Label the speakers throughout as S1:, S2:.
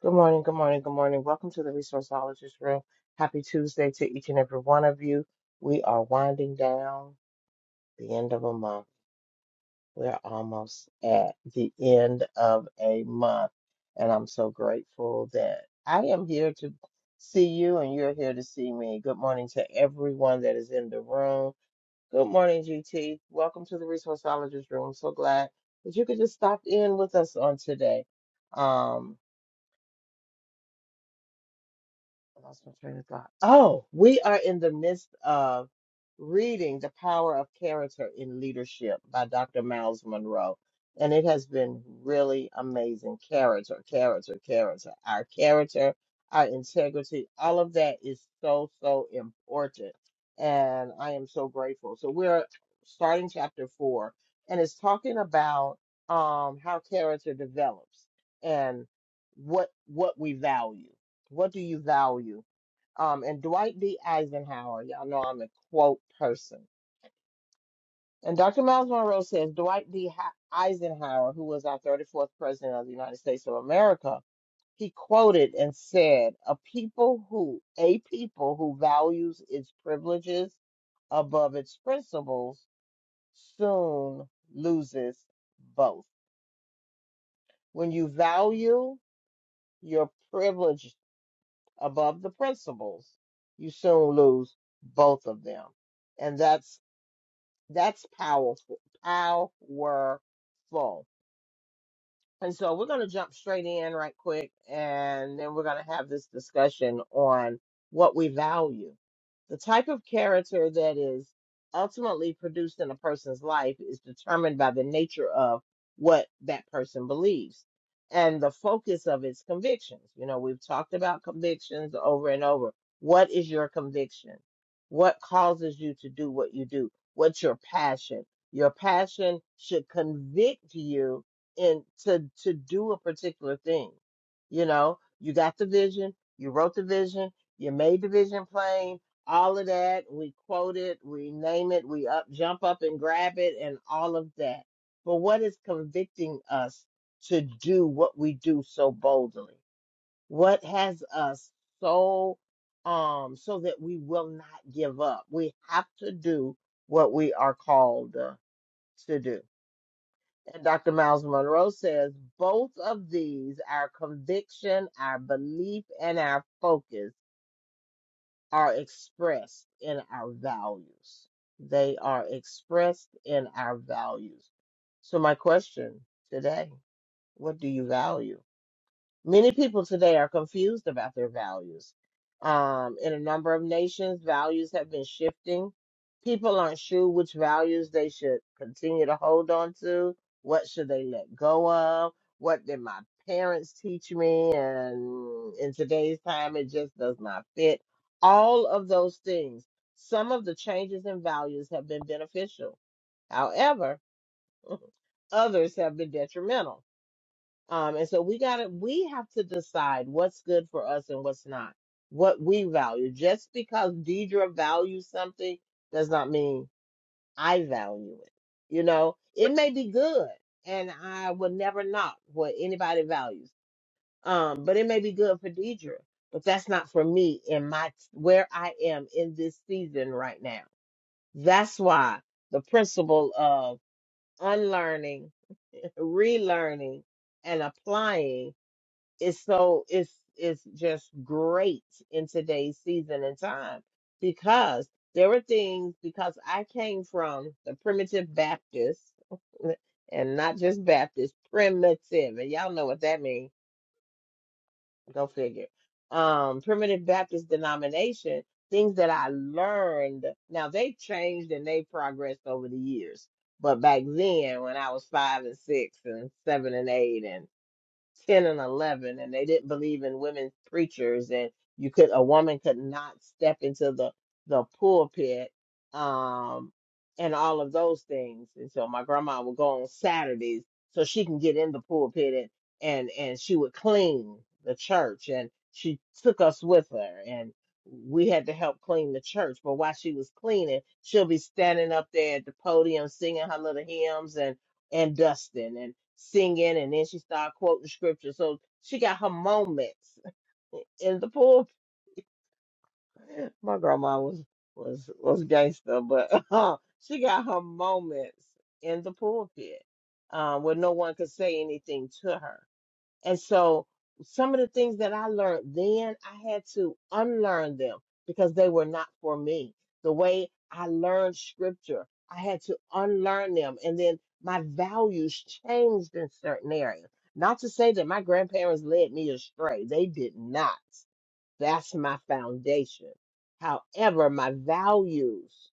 S1: Good morning, good morning, good morning. Welcome to the Resourceologist Room. Happy Tuesday to each and every one of you. We are winding down the end of a month. We're almost at the end of a month. And I'm so grateful that I am here to see you and you're here to see me. Good morning to everyone that is in the room. Good morning, GT. Welcome to the Resourceologist Room. So glad that you could just stop in with us on today. Um, I lost my train of thought. Oh, we are in the midst of reading The Power of Character in Leadership by Dr. Miles Monroe. And it has been really amazing. Character, character, character. Our character, our integrity, all of that is so, so important. And I am so grateful. So we're starting chapter four, and it's talking about um, how character develops and what what we value. What do you value? Um, and Dwight D. Eisenhower, y'all know I'm a quote person. And Dr. Miles Monroe says Dwight D. Ha- Eisenhower, who was our 34th president of the United States of America, he quoted and said, "A people who a people who values its privileges above its principles soon loses both. When you value your privileges above the principles, you soon lose both of them. And that's that's powerful powerful. And so we're going to jump straight in right quick, and then we're going to have this discussion on what we value. The type of character that is ultimately produced in a person's life is determined by the nature of what that person believes and the focus of its convictions. You know, we've talked about convictions over and over. What is your conviction? What causes you to do what you do? What's your passion? Your passion should convict you in to to do a particular thing. You know, you got the vision, you wrote the vision, you made the vision plain, all of that. We quote it, we name it, we up jump up and grab it, and all of that. But what is convicting us to do what we do so boldly? What has us so um so that we will not give up? We have to do what we are called uh, to do and Dr. Miles Monroe says both of these, our conviction, our belief, and our focus, are expressed in our values. They are expressed in our values. So, my question today what do you value? Many people today are confused about their values. Um, in a number of nations, values have been shifting. People aren't sure which values they should continue to hold on to. What should they let go of? What did my parents teach me? And in today's time, it just does not fit. All of those things. Some of the changes in values have been beneficial. However, others have been detrimental. Um, and so we gotta we have to decide what's good for us and what's not, what we value. Just because Deidre values something does not mean I value it. You know, it may be good and I will never knock what anybody values. Um, but it may be good for Deidre, but that's not for me in my where I am in this season right now. That's why the principle of unlearning, relearning, and applying it's so it's it's just great in today's season and time because there were things because I came from the primitive Baptist and not just Baptist, primitive, and y'all know what that means. Go figure. Um, primitive Baptist denomination, things that I learned. Now they've changed and they progressed over the years. But back then when I was five and six and seven and eight and 10 and 11 and they didn't believe in women preachers and you could a woman could not step into the the pulpit um and all of those things and so my grandma would go on saturdays so she can get in the pulpit and and and she would clean the church and she took us with her and we had to help clean the church but while she was cleaning she'll be standing up there at the podium singing her little hymns and and dusting and singing and then she started quoting scripture so she got her moments in the pool my grandma was was was gangster but she got her moments in the pulpit um, where no one could say anything to her and so some of the things that I learned then, I had to unlearn them because they were not for me. The way I learned scripture, I had to unlearn them. And then my values changed in certain areas. Not to say that my grandparents led me astray, they did not. That's my foundation. However, my values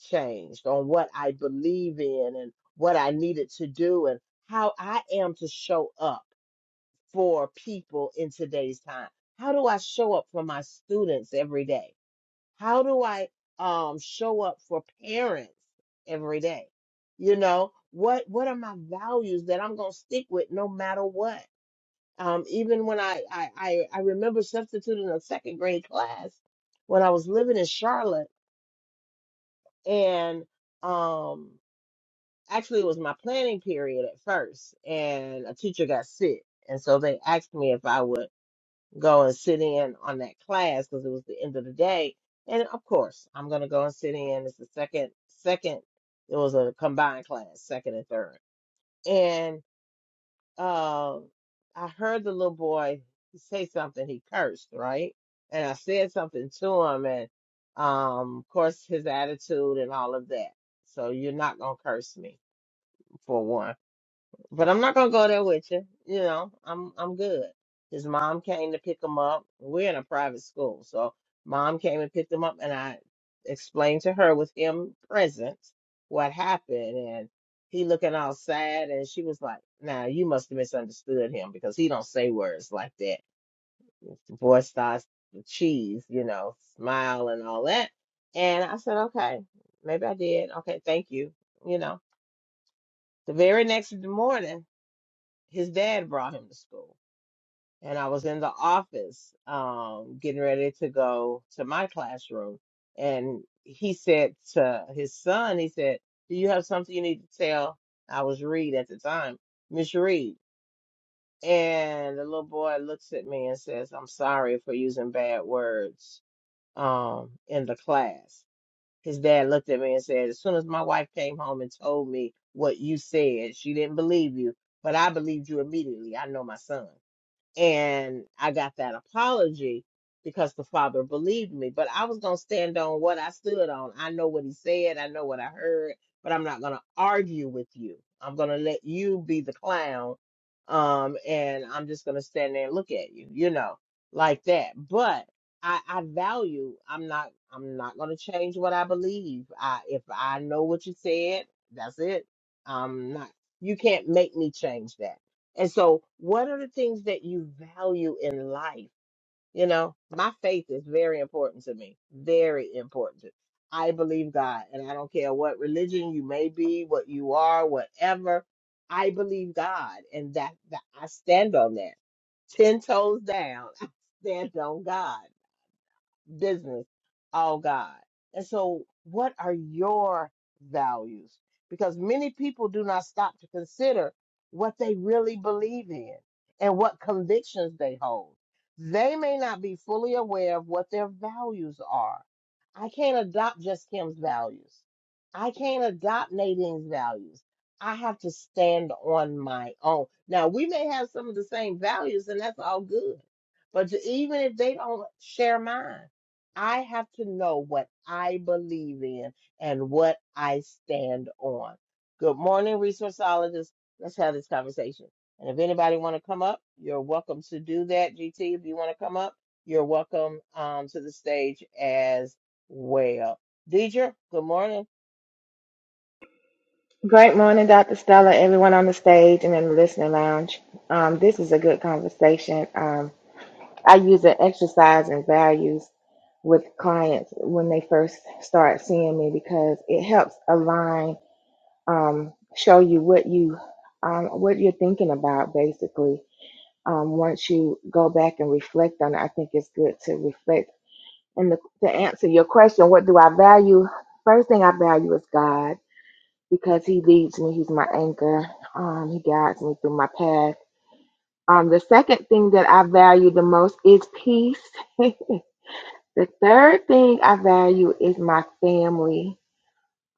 S1: changed on what I believe in and what I needed to do and how I am to show up for people in today's time? How do I show up for my students every day? How do I um, show up for parents every day? You know, what what are my values that I'm gonna stick with no matter what? Um, even when I, I I I remember substituting a second grade class when I was living in Charlotte, and um, actually it was my planning period at first, and a teacher got sick, and so they asked me if I would go and sit in on that class because it was the end of the day. And of course, I'm gonna go and sit in. It's the second, second. It was a combined class, second and third. And uh, I heard the little boy say something. He cursed, right? And I said something to him, and um, of course, his attitude and all of that. So you're not gonna curse me for one but I'm not gonna go there with you. You know, I'm I'm good. His mom came to pick him up. We're in a private school, so mom came and picked him up, and I explained to her with him present what happened, and he looking all sad, and she was like, "Now you must have misunderstood him because he don't say words like that." The boy starts to cheese, you know, smile and all that, and I said, "Okay, maybe I did. Okay, thank you." You know, the very next morning his dad brought him to school and i was in the office um, getting ready to go to my classroom and he said to his son he said do you have something you need to tell i was reed at the time miss reed and the little boy looks at me and says i'm sorry for using bad words um, in the class his dad looked at me and said as soon as my wife came home and told me what you said she didn't believe you but i believed you immediately i know my son and I got that apology because the father believed me. But I was gonna stand on what I stood on. I know what he said, I know what I heard, but I'm not gonna argue with you. I'm gonna let you be the clown, um, and I'm just gonna stand there and look at you, you know, like that. But I, I value. I'm not. I'm not gonna change what I believe. I if I know what you said, that's it. I'm not. You can't make me change that. And so, what are the things that you value in life? You know, my faith is very important to me, very important. I believe God, and I don't care what religion you may be, what you are, whatever. I believe God, and that, that I stand on that. Ten toes down, I stand on God business, all God. And so, what are your values? Because many people do not stop to consider what they really believe in and what convictions they hold. They may not be fully aware of what their values are. I can't adopt just Kim's values. I can't adopt Nadine's values. I have to stand on my own. Now, we may have some of the same values, and that's all good. But even if they don't share mine, I have to know what I believe in and what I stand on. Good morning, resourceologists. Let's have this conversation. And if anybody want to come up, you're welcome to do that. GT, if you want to come up, you're welcome um, to the stage as well. Deidre, good morning.
S2: Great morning, Dr. Stella, everyone on the stage and in the listening lounge. Um, this is a good conversation. Um, I use the exercise and values with clients when they first start seeing me because it helps align, um, show you what you um, what you're thinking about basically. Um, once you go back and reflect on it, I think it's good to reflect. And the, to answer your question, what do I value? First thing I value is God because he leads me. He's my anchor. Um, he guides me through my path. Um, the second thing that I value the most is peace. the third thing I value is my family.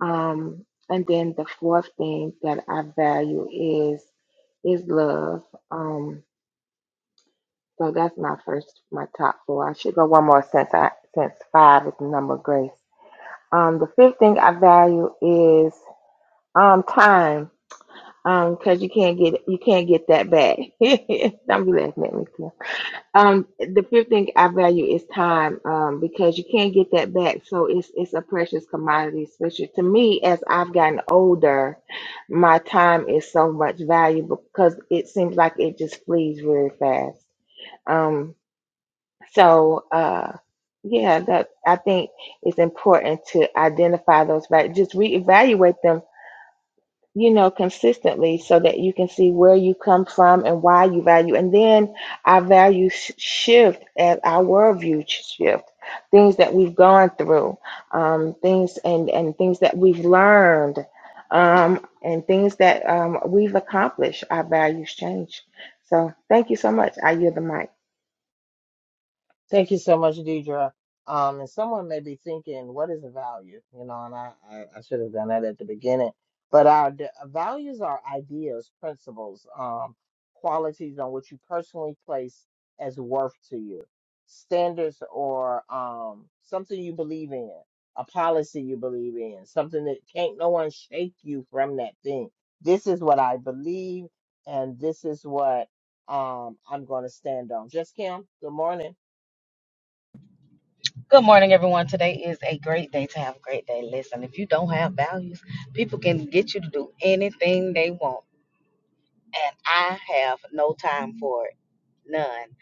S2: Um, and then the fourth thing that I value is is love. Um, so that's my first, my top four. I should go one more since I since five is the number of grace. Um, the fifth thing I value is um time um because you can't get you can't get that back don't be laughing at me Kim. um the fifth thing i value is time um because you can't get that back so it's it's a precious commodity especially to me as i've gotten older my time is so much valuable because it seems like it just flees really fast um so uh yeah that i think it's important to identify those values just reevaluate them you know, consistently so that you can see where you come from and why you value. And then our values sh- shift as our worldview sh- shift. Things that we've gone through, um, things and, and things that we've learned, um, and things that um, we've accomplished, our values change. So thank you so much. I yield the mic.
S1: Thank you so much, Deidre. Um, and someone may be thinking, what is a value? You know, and I, I, I should have done that at the beginning. But our d- values are ideas, principles, um, qualities on which you personally place as worth to you, standards or um, something you believe in, a policy you believe in, something that can't no one shake you from that thing. This is what I believe, and this is what um, I'm going to stand on. Just Kim, good morning.
S3: Good morning, everyone. Today is a great day to have a great day. Listen, if you don't have values, people can get you to do anything they want, and I have no time for it, none.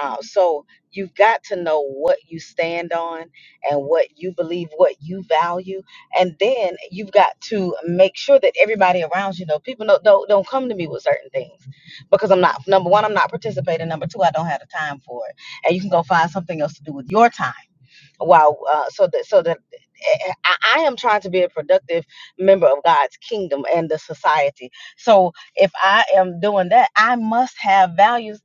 S3: Uh, so you've got to know what you stand on and what you believe, what you value, and then you've got to make sure that everybody around you know. People don't don't, don't come to me with certain things because I'm not number one, I'm not participating. Number two, I don't have the time for it, and you can go find something else to do with your time Wow. Uh, so that so that eh, eh, I, I am trying to be a productive member of God's kingdom and the society. So if I am doing that, I must have values.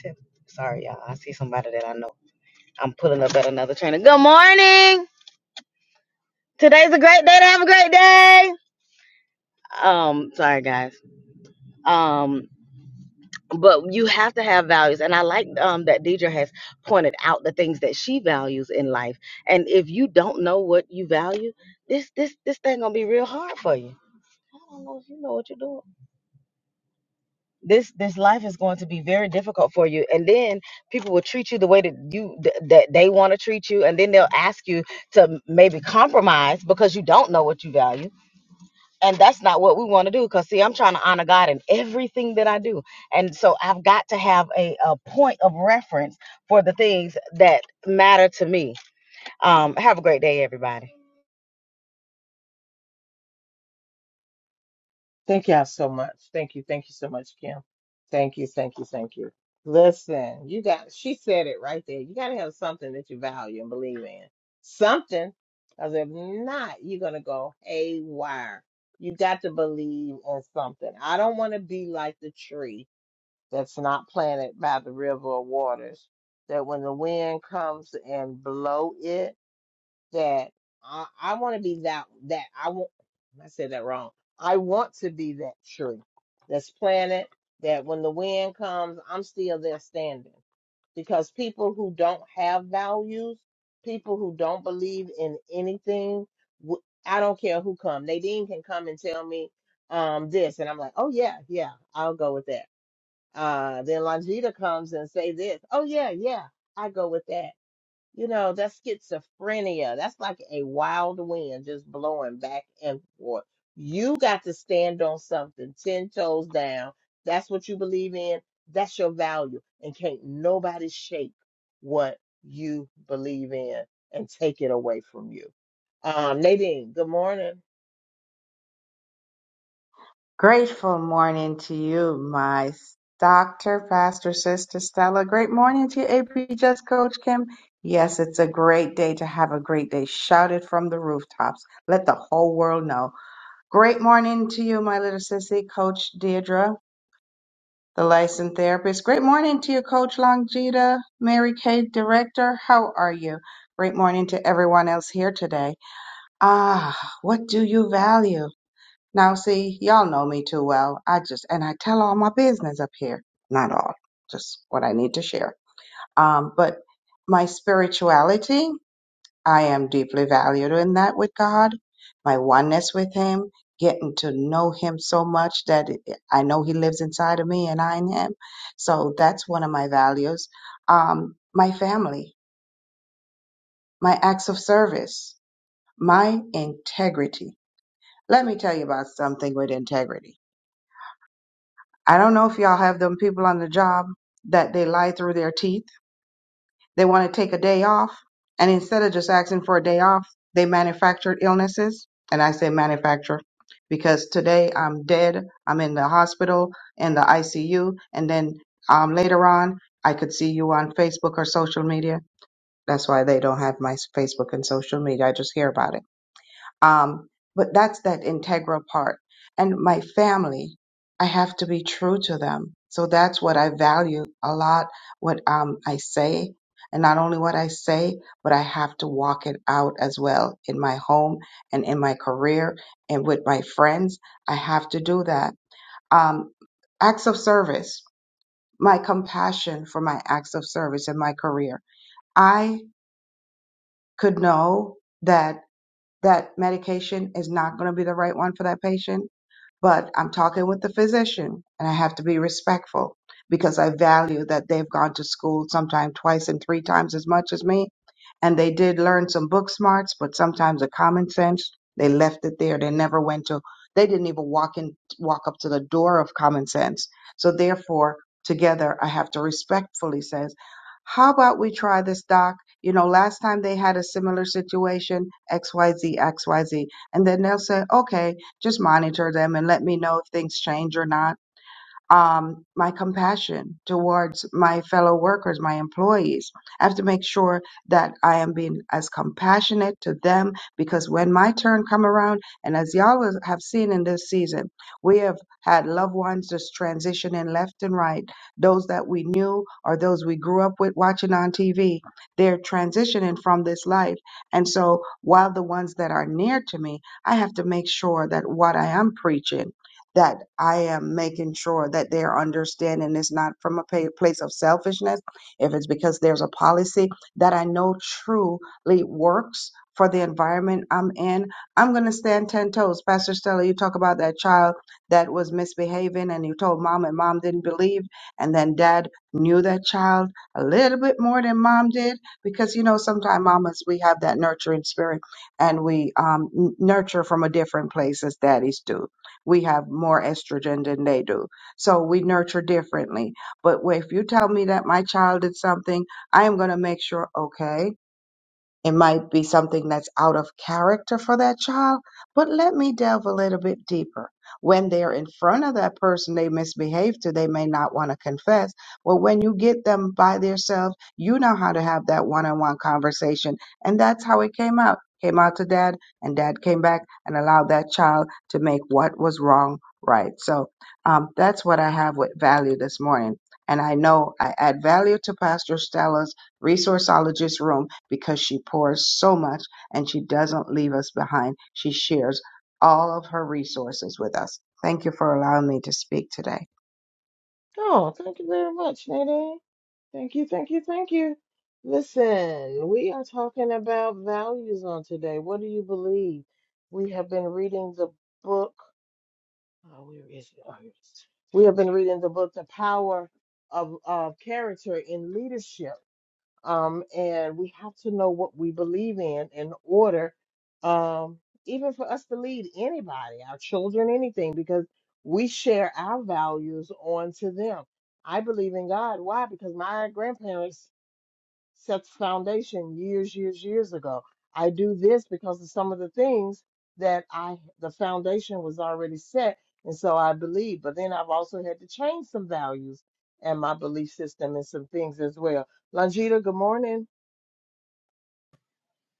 S3: To, sorry, y'all. I see somebody that I know. I'm pulling up at another trainer. Good morning. Today's a great day to have a great day. Um, sorry guys. Um, but you have to have values and i like um, that deidre has pointed out the things that she values in life and if you don't know what you value this this this thing gonna be real hard for you i don't know if you know what you're doing this this life is going to be very difficult for you and then people will treat you the way that you th- that they want to treat you and then they'll ask you to maybe compromise because you don't know what you value and that's not what we want to do. Because, see, I'm trying to honor God in everything that I do. And so I've got to have a, a point of reference for the things that matter to me. Um, have a great day, everybody.
S1: Thank y'all so much. Thank you. Thank you so much, Kim. Thank you. Thank you. Thank you. Listen, you got, she said it right there. You got to have something that you value and believe in. Something. Because if not, you're going to go haywire. You got to believe in something. I don't want to be like the tree that's not planted by the river of waters, that when the wind comes and blow it, that I, I want to be that that I want. I said that wrong. I want to be that tree that's planted. That when the wind comes, I'm still there standing. Because people who don't have values, people who don't believe in anything, w- I don't care who come. Nadine can come and tell me um this, and I'm like, oh yeah, yeah, I'll go with that. Uh, then Longita comes and say this, oh yeah, yeah, I go with that you know, that's schizophrenia. That's like a wild wind just blowing back and forth. You got to stand on something 10 toes down. That's what you believe in. That's your value. And can't nobody shake what you believe in and take it away from you. Um, Nadine, good morning.
S4: Grateful morning to you, my doctor, pastor, sister Stella. Great morning to you, AP Just Coach Kim. Yes, it's a great day to have a great day. Shout it from the rooftops. Let the whole world know. Great morning to you, my little sissy, Coach Deirdre, the licensed therapist. Great morning to you, Coach Longita, Mary Kay, director. How are you? Great morning to everyone else here today. Ah, what do you value? Now, see, y'all know me too well. I just, and I tell all my business up here. Not all, just what I need to share. Um, but my spirituality, I am deeply valued in that with God, my oneness with Him, getting to know Him so much that it- I know He lives inside of me and I in Him. So that's one of my values. Um, my family, my acts of service, my integrity. Let me tell you about something with integrity I don't know if y'all have them people on the job that they lie through their teeth. They want to take a day off. And instead of just asking for a day off, they manufactured illnesses. And I say manufacture because today I'm dead. I'm in the hospital, in the ICU. And then um, later on, I could see you on Facebook or social media. That's why they don't have my Facebook and social media. I just hear about it um, but that's that integral part. And my family, I have to be true to them. So that's what I value a lot, what um, I say. And not only what I say, but I have to walk it out as well in my home and in my career and with my friends. I have to do that. Um, acts of service, my compassion for my acts of service in my career. I could know that that medication is not going to be the right one for that patient but I'm talking with the physician and I have to be respectful because I value that they've gone to school sometime twice and three times as much as me. And they did learn some book smarts, but sometimes the common sense, they left it there. They never went to, they didn't even walk in, walk up to the door of common sense. So therefore, together, I have to respectfully says, how about we try this, doc? You know, last time they had a similar situation, X, Y, Z, X, Y, Z, And then they'll say, okay, just monitor them and let me know if things change or not um, my compassion towards my fellow workers, my employees. I have to make sure that I am being as compassionate to them because when my turn come around, and as y'all was- have seen in this season, we have had loved ones just transitioning left and right. Those that we knew or those we grew up with watching on TV, they're transitioning from this life. And so while the ones that are near to me, I have to make sure that what I am preaching that I am making sure that their understanding is not from a pa- place of selfishness, if it's because there's a policy that I know truly works for the environment I'm in, I'm going to stand 10 toes. Pastor Stella, you talk about that child that was misbehaving and you told mom and mom didn't believe, and then dad knew that child a little bit more than mom did because you know sometimes mamas we have that nurturing spirit and we um, n- nurture from a different place as daddies do we have more estrogen than they do. So we nurture differently. But if you tell me that my child did something, I am going to make sure, okay, it might be something that's out of character for that child, but let me delve a little bit deeper. When they're in front of that person they misbehave to, they may not want to confess. But when you get them by themselves, you know how to have that one on one conversation. And that's how it came out. Came out to dad, and dad came back and allowed that child to make what was wrong right. So um, that's what I have with value this morning. And I know I add value to Pastor Stella's resourceologist room because she pours so much and she doesn't leave us behind. She shares all of her resources with us. Thank you for allowing me to speak today.
S1: Oh, thank you very much, Nadine. Thank you, thank you, thank you. Listen, we are talking about values on today. What do you believe? We have been reading the book. Oh, where is it? Oh, here it is. We have been reading the book, The Power of, of Character in Leadership. Um, and we have to know what we believe in in order, um, even for us to lead anybody, our children, anything, because we share our values on to them. I believe in God. Why? Because my grandparents set the foundation years, years, years ago. I do this because of some of the things that I, the foundation was already set. And so I believe, but then I've also had to change some values and my belief system and some things as well. Longita, good morning.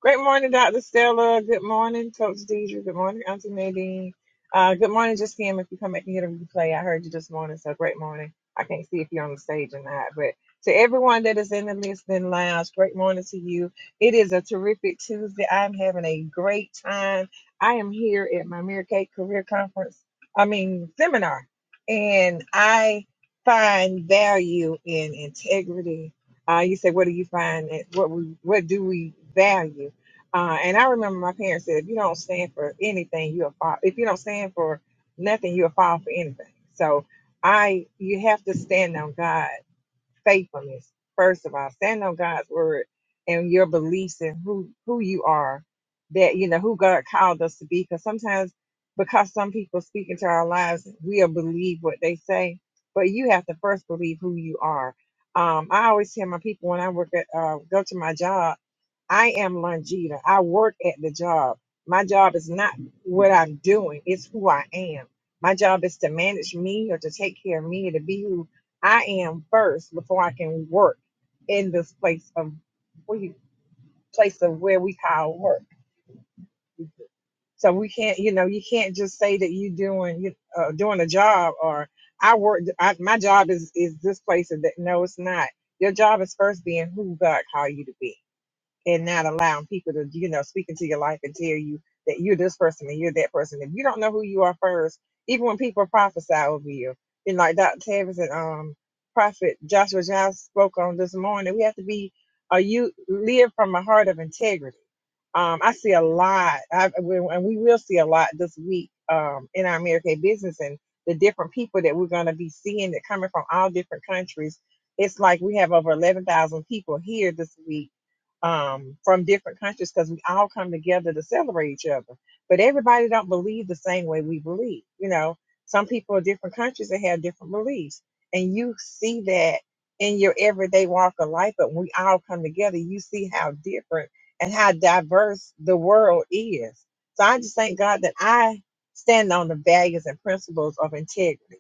S5: Great morning, Dr. Stella. Good morning, Coach Deidre. Good morning, Auntie Nadine. Uh, good morning, Just Kim. If you come back and get a replay, I heard you this morning, so great morning. I can't see if you're on the stage or not, but to everyone that is in the listening lounge, great morning to you. It is a terrific Tuesday. I'm having a great time. I am here at my Mirror Cake Career Conference, I mean, seminar, and I find value in integrity. Uh, you say, what do you find? What, we, what do we value? Uh, and I remember my parents said, if you don't stand for anything, you'll fall. If you don't stand for nothing, you'll fall for anything. So I, you have to stand on God faithfulness, first of all. Stand on God's word and your beliefs and who, who you are, that, you know, who God called us to be. Because sometimes, because some people speak into our lives, we'll believe what they say, but you have to first believe who you are. Um, I always tell my people when I work at, uh, go to my job, I am Longita. I work at the job. My job is not what I'm doing, it's who I am. My job is to manage me or to take care of me, to be who I am first before I can work in this place of we place of where we call work. So we can't, you know, you can't just say that you doing you uh, doing a job or I work. I, my job is is this place. Of that. No, it's not. Your job is first being who God called you to be and not allowing people to, you know, speak into your life and tell you that you're this person and you're that person. If you don't know who you are first, even when people prophesy over you, and like Dr. Tavis and um Prophet Joshua Giles spoke on this morning, we have to be uh, you live from a heart of integrity. Um, I see a lot, I, and we will see a lot this week um, in our American business and the different people that we're going to be seeing that coming from all different countries. It's like we have over 11,000 people here this week um, from different countries because we all come together to celebrate each other. But everybody don't believe the same way we believe. You know, some people in different countries that have different beliefs, and you see that in your everyday walk of life. But when we all come together, you see how different and how diverse the world is. So I just thank God that I stand on the values and principles of integrity.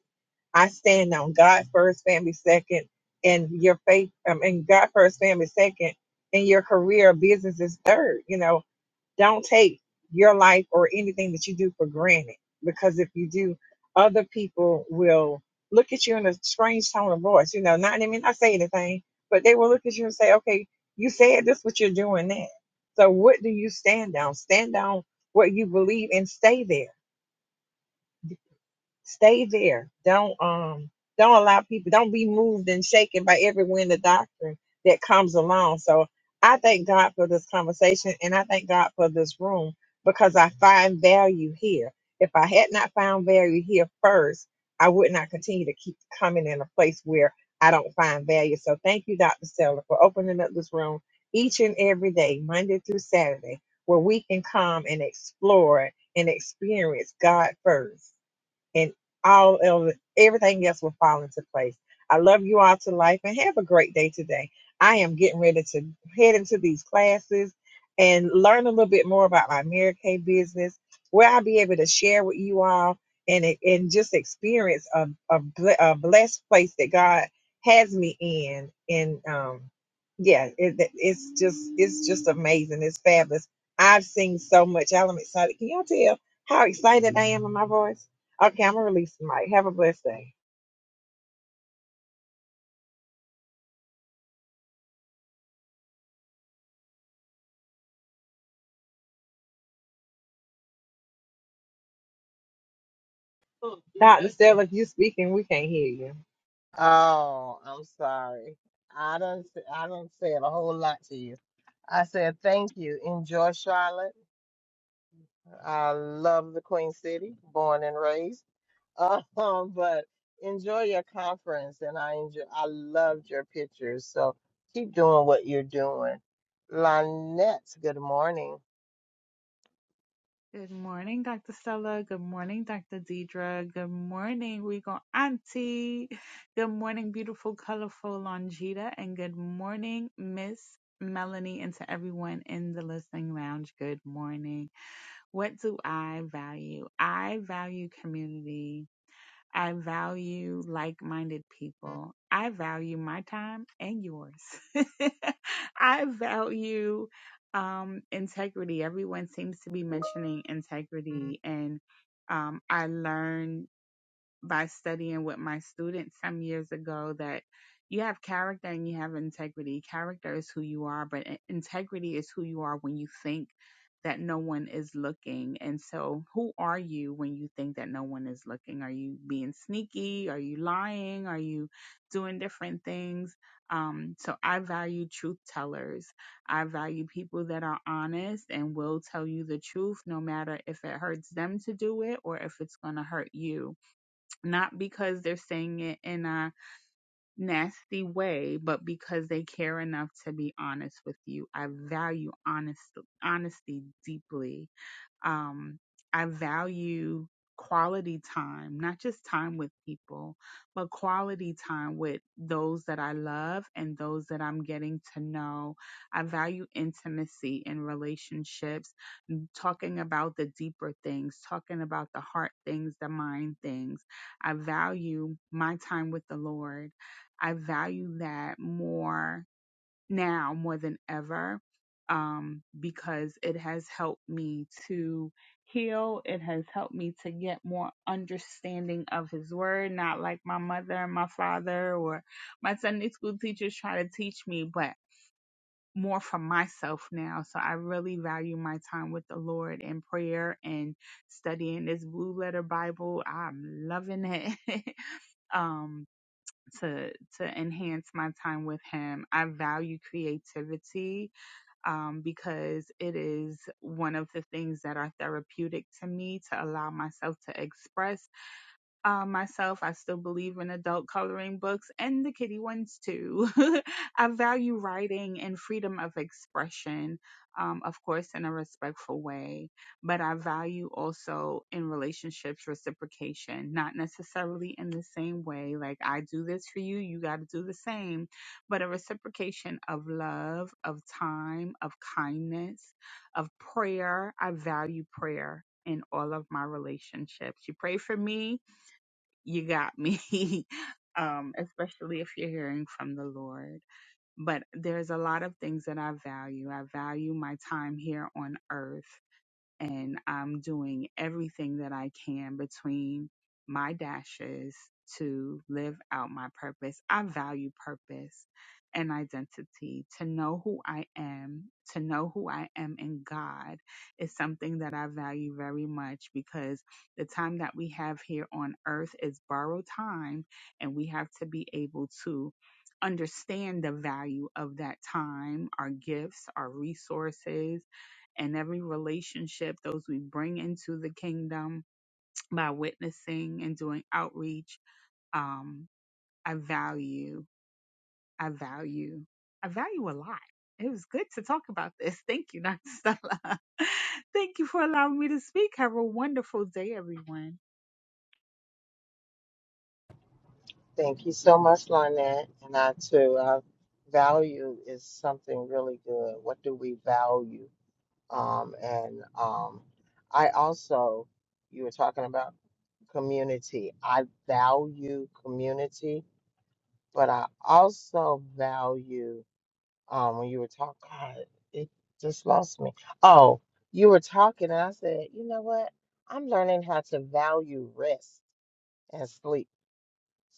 S5: I stand on God first, family second, and your faith, um, and God first, family second, and your career or business is third. You know, don't take your life or anything that you do for granted because if you do, other people will look at you in a strange tone of voice. You know, not I mean, not say anything, but they will look at you and say, "Okay, you said this, but you're doing that." So, what do you stand on? Stand on what you believe and stay there Stay there. Don't um don't allow people don't be moved and shaken by every wind of doctrine that comes along. So I thank God for this conversation and I thank God for this room because I find value here. If I had not found value here first, I would not continue to keep coming in a place where I don't find value. So thank you, Dr. Seller, for opening up this room each and every day, Monday through Saturday, where we can come and explore and experience God first and all of everything else will fall into place. I love you all to life and have a great day today. I am getting ready to head into these classes and learn a little bit more about my Mary Kay business, where I'll be able to share with you all and and just experience a, a, a blessed place that God has me in. And um, yeah, it, it's just it's just amazing. It's fabulous. I've seen so much. I'm excited. Can y'all tell how excited I am in my voice? Okay, I'm gonna release the mic. Have a blessed day. Doctor Stella, if you speaking, we can't hear you.
S1: Oh, I'm sorry. I don't I don't say a whole lot to you. I said thank you. Enjoy Charlotte. I love the Queen City, born and raised. Um, but enjoy your conference and I enjoy I loved your pictures. So keep doing what you're doing. Lynette, good morning.
S6: Good morning, Dr. Stella. Good morning, Dr. Deidre. Good morning, Regal Auntie. Good morning, beautiful, colorful Longita. And good morning, Miss Melanie, and to everyone in the listening lounge. Good morning. What do I value? I value community. I value like minded people. I value my time and yours. I value um, integrity. Everyone seems to be mentioning integrity, and um, I learned by studying with my students some years ago that you have character and you have integrity. Character is who you are, but integrity is who you are when you think that no one is looking. And so, who are you when you think that no one is looking? Are you being sneaky? Are you lying? Are you doing different things? Um, so, I value truth tellers. I value people that are honest and will tell you the truth, no matter if it hurts them to do it or if it's going to hurt you not because they're saying it in a nasty way, but because they care enough to be honest with you. I value honest honesty deeply. Um, I value quality time, not just time with people, but quality time with those that I love and those that I'm getting to know. I value intimacy in relationships talking about the deeper things, talking about the heart things, the mind things. I value my time with the Lord. I value that more now more than ever um, because it has helped me to heal. It has helped me to get more understanding of His Word, not like my mother and my father or my Sunday school teachers try to teach me, but more for myself now. So I really value my time with the Lord in prayer and studying this blue letter Bible. I'm loving it. um to to enhance my time with him. I value creativity um because it is one of the things that are therapeutic to me to allow myself to express uh, myself, I still believe in adult coloring books and the kitty ones too. I value writing and freedom of expression, um, of course, in a respectful way. But I value also in relationships reciprocation, not necessarily in the same way. Like, I do this for you, you got to do the same. But a reciprocation of love, of time, of kindness, of prayer. I value prayer in all of my relationships. You pray for me, you got me. um, especially if you're hearing from the Lord. But there's a lot of things that I value. I value my time here on earth and I'm doing everything that I can between my dashes to live out my purpose. I value purpose and identity. To know who I am, to know who I am in God is something that I value very much because the time that we have here on earth is borrowed time and we have to be able to understand the value of that time, our gifts, our resources, and every relationship, those we bring into the kingdom by witnessing and doing outreach. Um, I value, I value, I value a lot. It was good to talk about this. Thank you, Dr. Stella. Thank you for allowing me to speak. Have a wonderful day, everyone.
S1: Thank you so much, Lynette. And I too, uh, value is something really good. What do we value? Um, and um, I also, you were talking about community. I value community, but I also value um, when you were talking, God, it just lost me. Oh, you were talking, and I said, you know what? I'm learning how to value rest and sleep.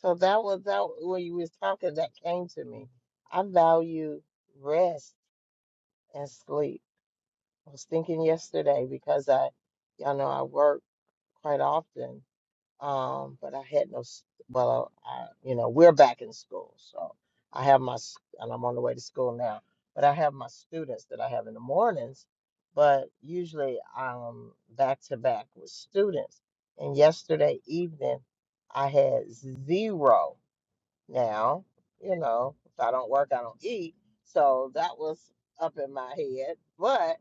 S1: So that was that when you was talking, that came to me. I value rest and sleep. I was thinking yesterday because I, y'all know, I work quite often, um, but I had no, s- well, I, you know, we're back in school, so I have my, s- and I'm on the way to school now, but I have my students that I have in the mornings, but usually I'm back to back with students. And yesterday evening, I had zero now, you know, if I don't work, I don't eat. So that was up in my head, but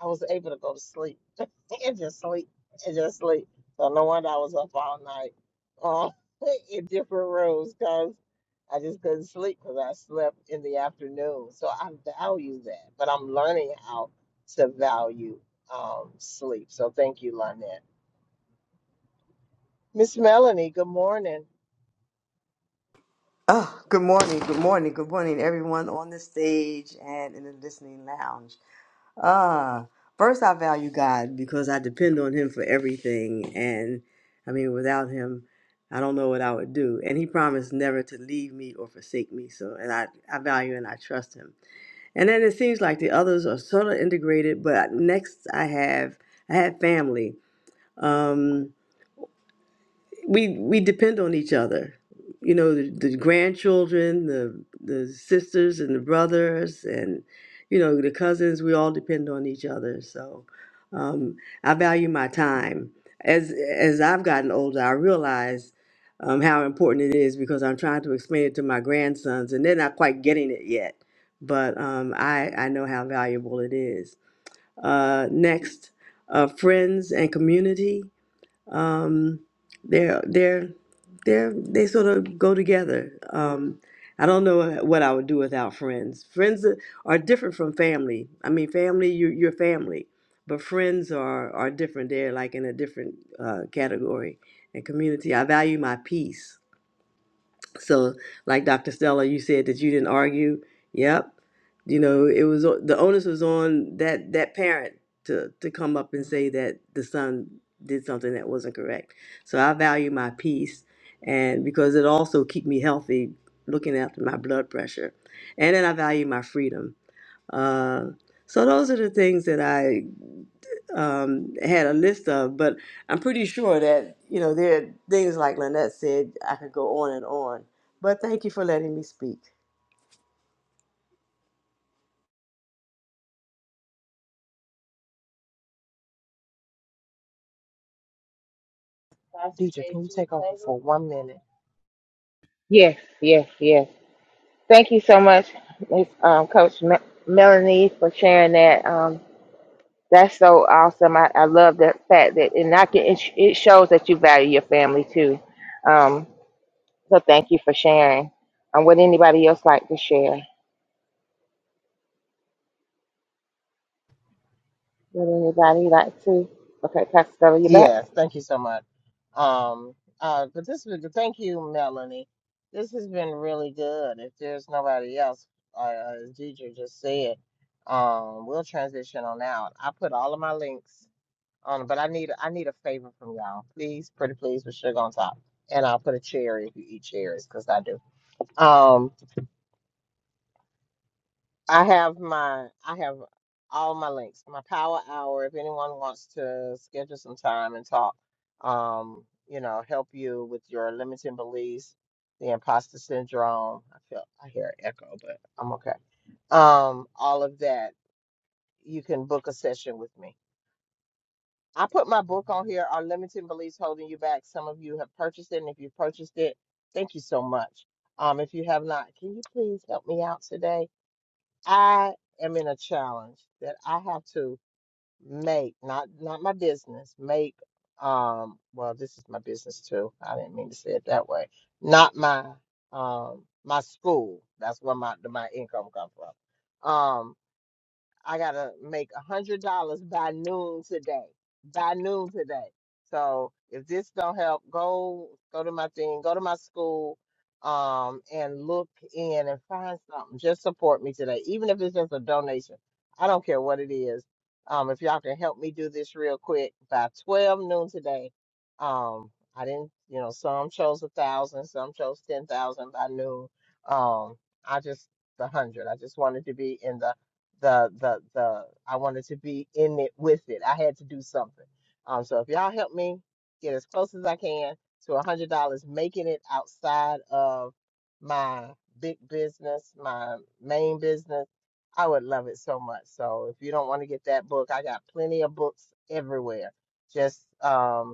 S1: I was able to go to sleep and just sleep and just sleep. So no wonder I was up all night uh, in different rooms because I just couldn't sleep because I slept in the afternoon. So I value that, but I'm learning how to value um, sleep. So thank you, Lynette. Miss Melanie, good morning.
S7: Oh, good morning, good morning, good morning, everyone on the stage and in the listening lounge. Uh, first, I value God because I depend on Him for everything. And I mean, without Him, I don't know what I would do. And He promised never to leave me or forsake me. So, and I, I value and I trust Him. And then it seems like the others are sort of integrated, but next I have, I have family. Um, we we depend on each other. You know, the, the grandchildren, the the sisters and the brothers, and you know the cousins. We all depend on each other. So um, I value my time. As as I've gotten older, I realize um, how important it is because I'm trying to explain it to my grandsons, and they're not quite getting it yet. But um, I I know how valuable it is. Uh, next, uh, friends and community um, they're they're they're they sort of go together. Um, I don't know what I would do without friends. Friends are are different from family. I mean, family you you're family, but friends are are different. They're like in a different uh, category and community. I value my peace. So, like Dr. Stella, you said that you didn't argue. Yep. You know, it was the onus was on that that parent to to come up and say that the son did something that wasn't correct. So I value my peace, and because it also keep me healthy, looking after my blood pressure, and then I value my freedom. Uh, so those are the things that I um, had a list of, but I'm pretty sure that, you know, there are things like Lynette said, I could go on and on. But thank you for letting me speak.
S1: Pastor Deidre, can you JG take over for one minute?
S2: Yes, yes, yes. Thank you so much, Miss um, Coach Me- Melanie, for sharing that. Um, That's so awesome. I, I love that fact that, and I can, it, sh- it shows that you value your family too. Um, so thank you for sharing. Um, would anybody else like to share? Would anybody like to? Okay, Pastor, Stella, you back?
S1: Yes, thank you so much. Um, uh, but this was thank you, Melanie. This has been really good. If there's nobody else, uh, uh, as Deidre just said, um, we'll transition on out. I put all of my links on, but I need I need a favor from y'all. Please, pretty please, with sugar on top, and I'll put a cherry if you eat cherries, because I do. Um, I have my I have all my links. My power hour. If anyone wants to schedule some time and talk, um, you know, help you with your limiting beliefs, the imposter syndrome. I feel I hear an echo, but I'm okay. Um, all of that. You can book a session with me. I put my book on here. Are limiting beliefs holding you back? Some of you have purchased it, and if you purchased it, thank you so much. Um, if you have not, can you please help me out today? I am in a challenge that I have to make, not not my business, make um well this is my business too. I didn't mean to say it that way. Not my um my school. That's where my my income comes from. Um. I gotta make a hundred dollars by noon today. By noon today. So if this don't help, go go to my thing, go to my school, um, and look in and find something. Just support me today, even if it's just a donation. I don't care what it is. Um, if y'all can help me do this real quick by twelve noon today. Um, I didn't, you know, some chose a thousand, some chose ten thousand by noon. Um, I just the hundred. I just wanted to be in the the the the I wanted to be in it with it. I had to do something. Um, so if y'all help me get as close as I can to a hundred dollars, making it outside of my big business, my main business, I would love it so much. So if you don't want to get that book, I got plenty of books everywhere. Just um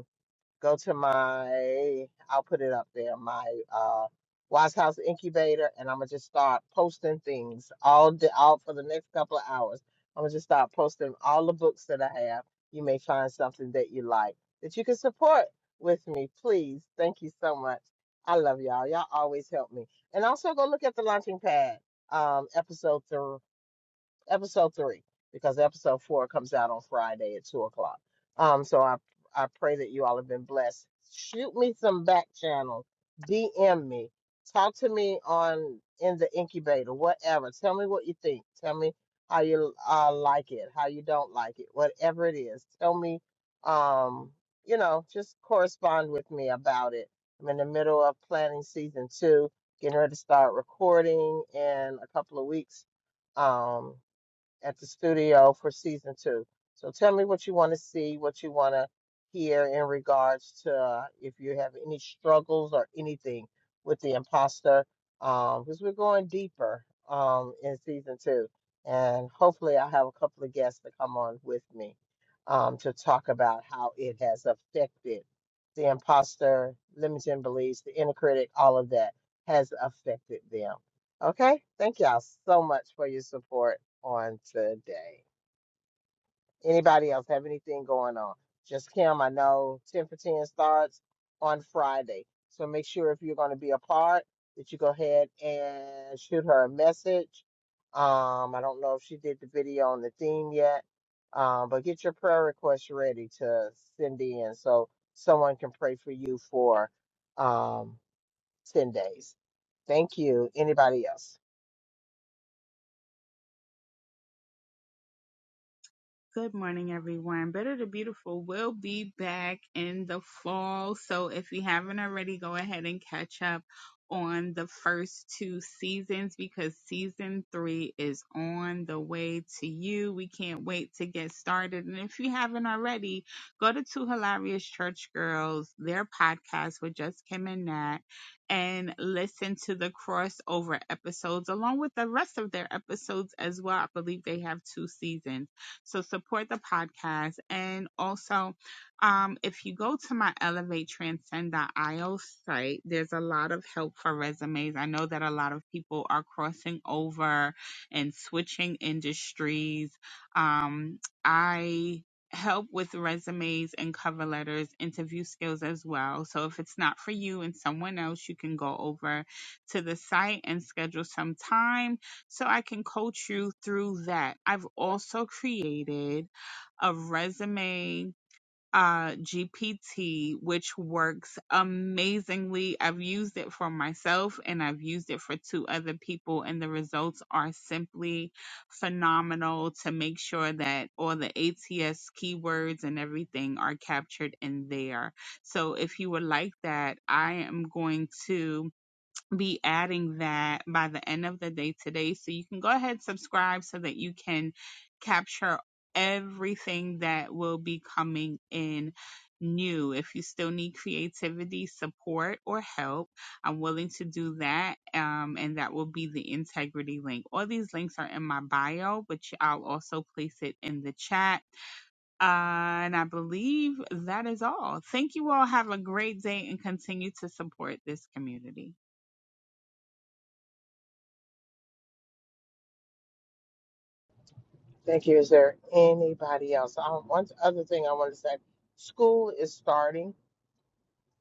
S1: Go to my, I'll put it up there, my uh, Wise House Incubator, and I'm gonna just start posting things all day, all for the next couple of hours. I'm gonna just start posting all the books that I have. You may find something that you like that you can support with me, please. Thank you so much. I love y'all. Y'all always help me. And also go look at the launching pad um, episode three episode three because episode four comes out on Friday at two o'clock. Um, so I I pray that you all have been blessed. Shoot me some back channel, DM me, talk to me on in the incubator, whatever. Tell me what you think. Tell me how you uh, like it, how you don't like it, whatever it is. Tell me, um, you know, just correspond with me about it. I'm in the middle of planning season two, getting ready to start recording in a couple of weeks. Um, at the studio for season two. So tell me what you want to see, what you want to hear in regards to uh, if you have any struggles or anything with the imposter, um, because we're going deeper um, in season two, and hopefully I have a couple of guests to come on with me um, to talk about how it has affected the imposter, limiting beliefs, the inner critic, all of that has affected them. Okay, thank y'all so much for your support on today. Anybody else have anything going on? Just Kim, I know 10 for 10 starts on Friday. So make sure if you're going to be a part that you go ahead and shoot her a message. Um, I don't know if she did the video on the theme yet, um, but get your prayer requests ready to send in so someone can pray for you for um, 10 days. Thank you. Anybody else?
S6: Good morning, everyone. Better to Beautiful will be back in the fall. So if you haven't already, go ahead and catch up on the first two seasons because season three is on the way to you. We can't wait to get started. And if you haven't already, go to Two Hilarious Church Girls, their podcast with Just Kim and Nat, and listen to the crossover episodes along with the rest of their episodes as well. I believe they have two seasons. So support the podcast. And also, um, if you go to my Elevate Transcend.io site, there's a lot of help for resumes. I know that a lot of people are crossing over and switching industries. Um, I help with resumes and cover letters, interview skills as well. So if it's not for you and someone else, you can go over to the site and schedule some time so I can coach you through that. I've also created a resume uh GPT which works amazingly. I've used it for myself and I've used it for two other people and the results are simply phenomenal to make sure that all the ATS keywords and everything are captured in there. So if you would like that, I am going to be adding that by the end of the day today. So you can go ahead and subscribe so that you can capture everything that will be coming in new. If you still need creativity, support, or help, I'm willing to do that. Um, and that will be the integrity link. All these links are in my bio, but I'll also place it in the chat. Uh, and I believe that is all. Thank you all. Have a great day and continue to support this community.
S1: Thank you. Is there anybody else? Um, one other thing I want to say, school is starting.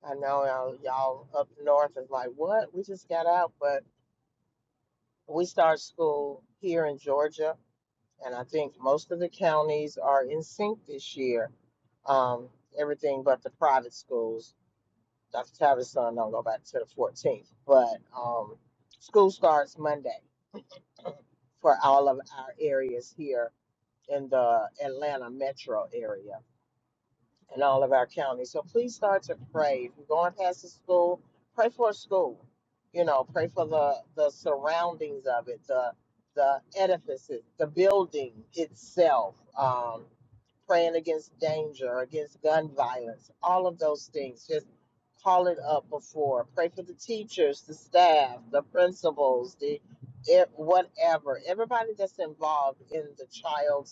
S1: I know uh, y'all up north is like, what? We just got out, but we start school here in Georgia, and I think most of the counties are in sync this year. Um, everything but the private schools. Dr. Tavis' son don't go back to the 14th, but um, school starts Monday for all of our areas here in the Atlanta metro area. in all of our counties. So please start to pray. If you're going past the school, pray for a school. You know, pray for the the surroundings of it, the the edifices, the building itself. Um, praying against danger, against gun violence, all of those things. Just call it up before. Pray for the teachers, the staff, the principals, the it, whatever, everybody that's involved in the child's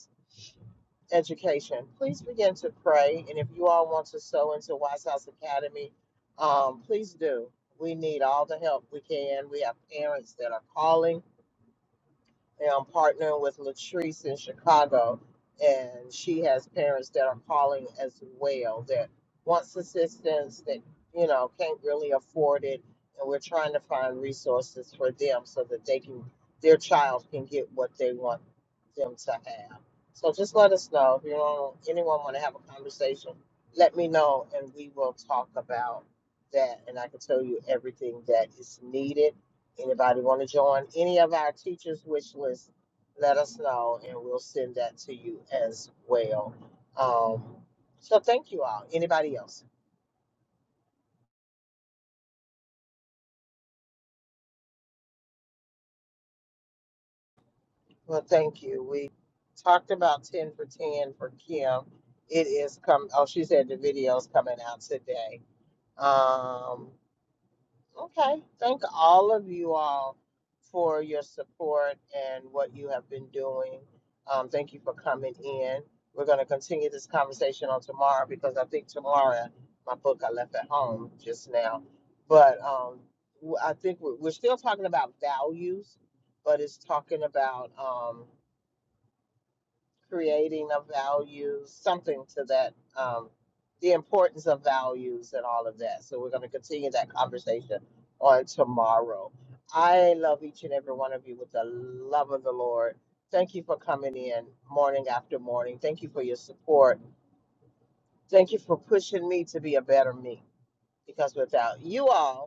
S1: education. Please begin to pray. And if you all want to sow into Wise House Academy, um, please do. We need all the help we can. We have parents that are calling. And I'm partnering with Latrice in Chicago, and she has parents that are calling as well that wants assistance that you know can't really afford it, and we're trying to find resources for them so that they can their child can get what they want them to have. So just let us know if you want anyone want to have a conversation. Let me know, and we will talk about that, and I can tell you everything that is needed Anybody want to join any of our teachers' wish list? Let us know, and we'll send that to you as well. Um, so thank you all. Anybody else? Well, thank you. We talked about ten for ten for Kim. It is come. Oh, she said the video's coming out today. Um, Okay. Thank all of you all for your support and what you have been doing. Um, thank you for coming in. We're going to continue this conversation on tomorrow because I think tomorrow my book I left at home just now. But um, w- I think we're, we're still talking about values, but it's talking about. um, creating of values, something to that, um, the importance of values and all of that. So we're going to continue that conversation on tomorrow. I love each and every one of you with the love of the Lord. Thank you for coming in morning after morning. Thank you for your support. Thank you for pushing me to be a better me because without you all,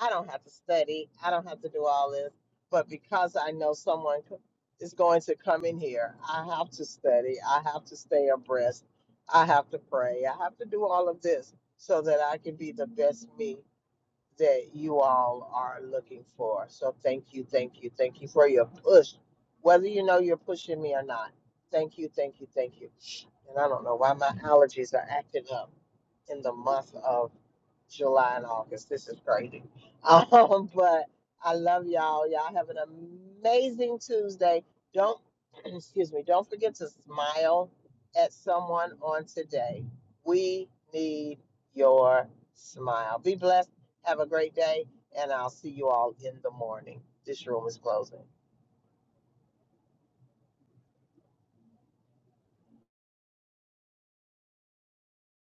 S1: I don't have to study. I don't have to do all this. But because I know someone c- is going to come in here, I have to study. I have to stay abreast. I have to pray. I have to do all of this so that I can be the best me that you all are looking for. So thank you, thank you, thank you for your push, whether you know you're pushing me or not. Thank you, thank you, thank you. And I don't know why my allergies are acting up in the month of July and August. This is crazy. Um, but I love y'all. Y'all have an amazing Tuesday. Don't, excuse me, don't forget to smile at someone on today. We need your smile. Be blessed. Have a great day. And I'll see you all in the morning. This room is closing.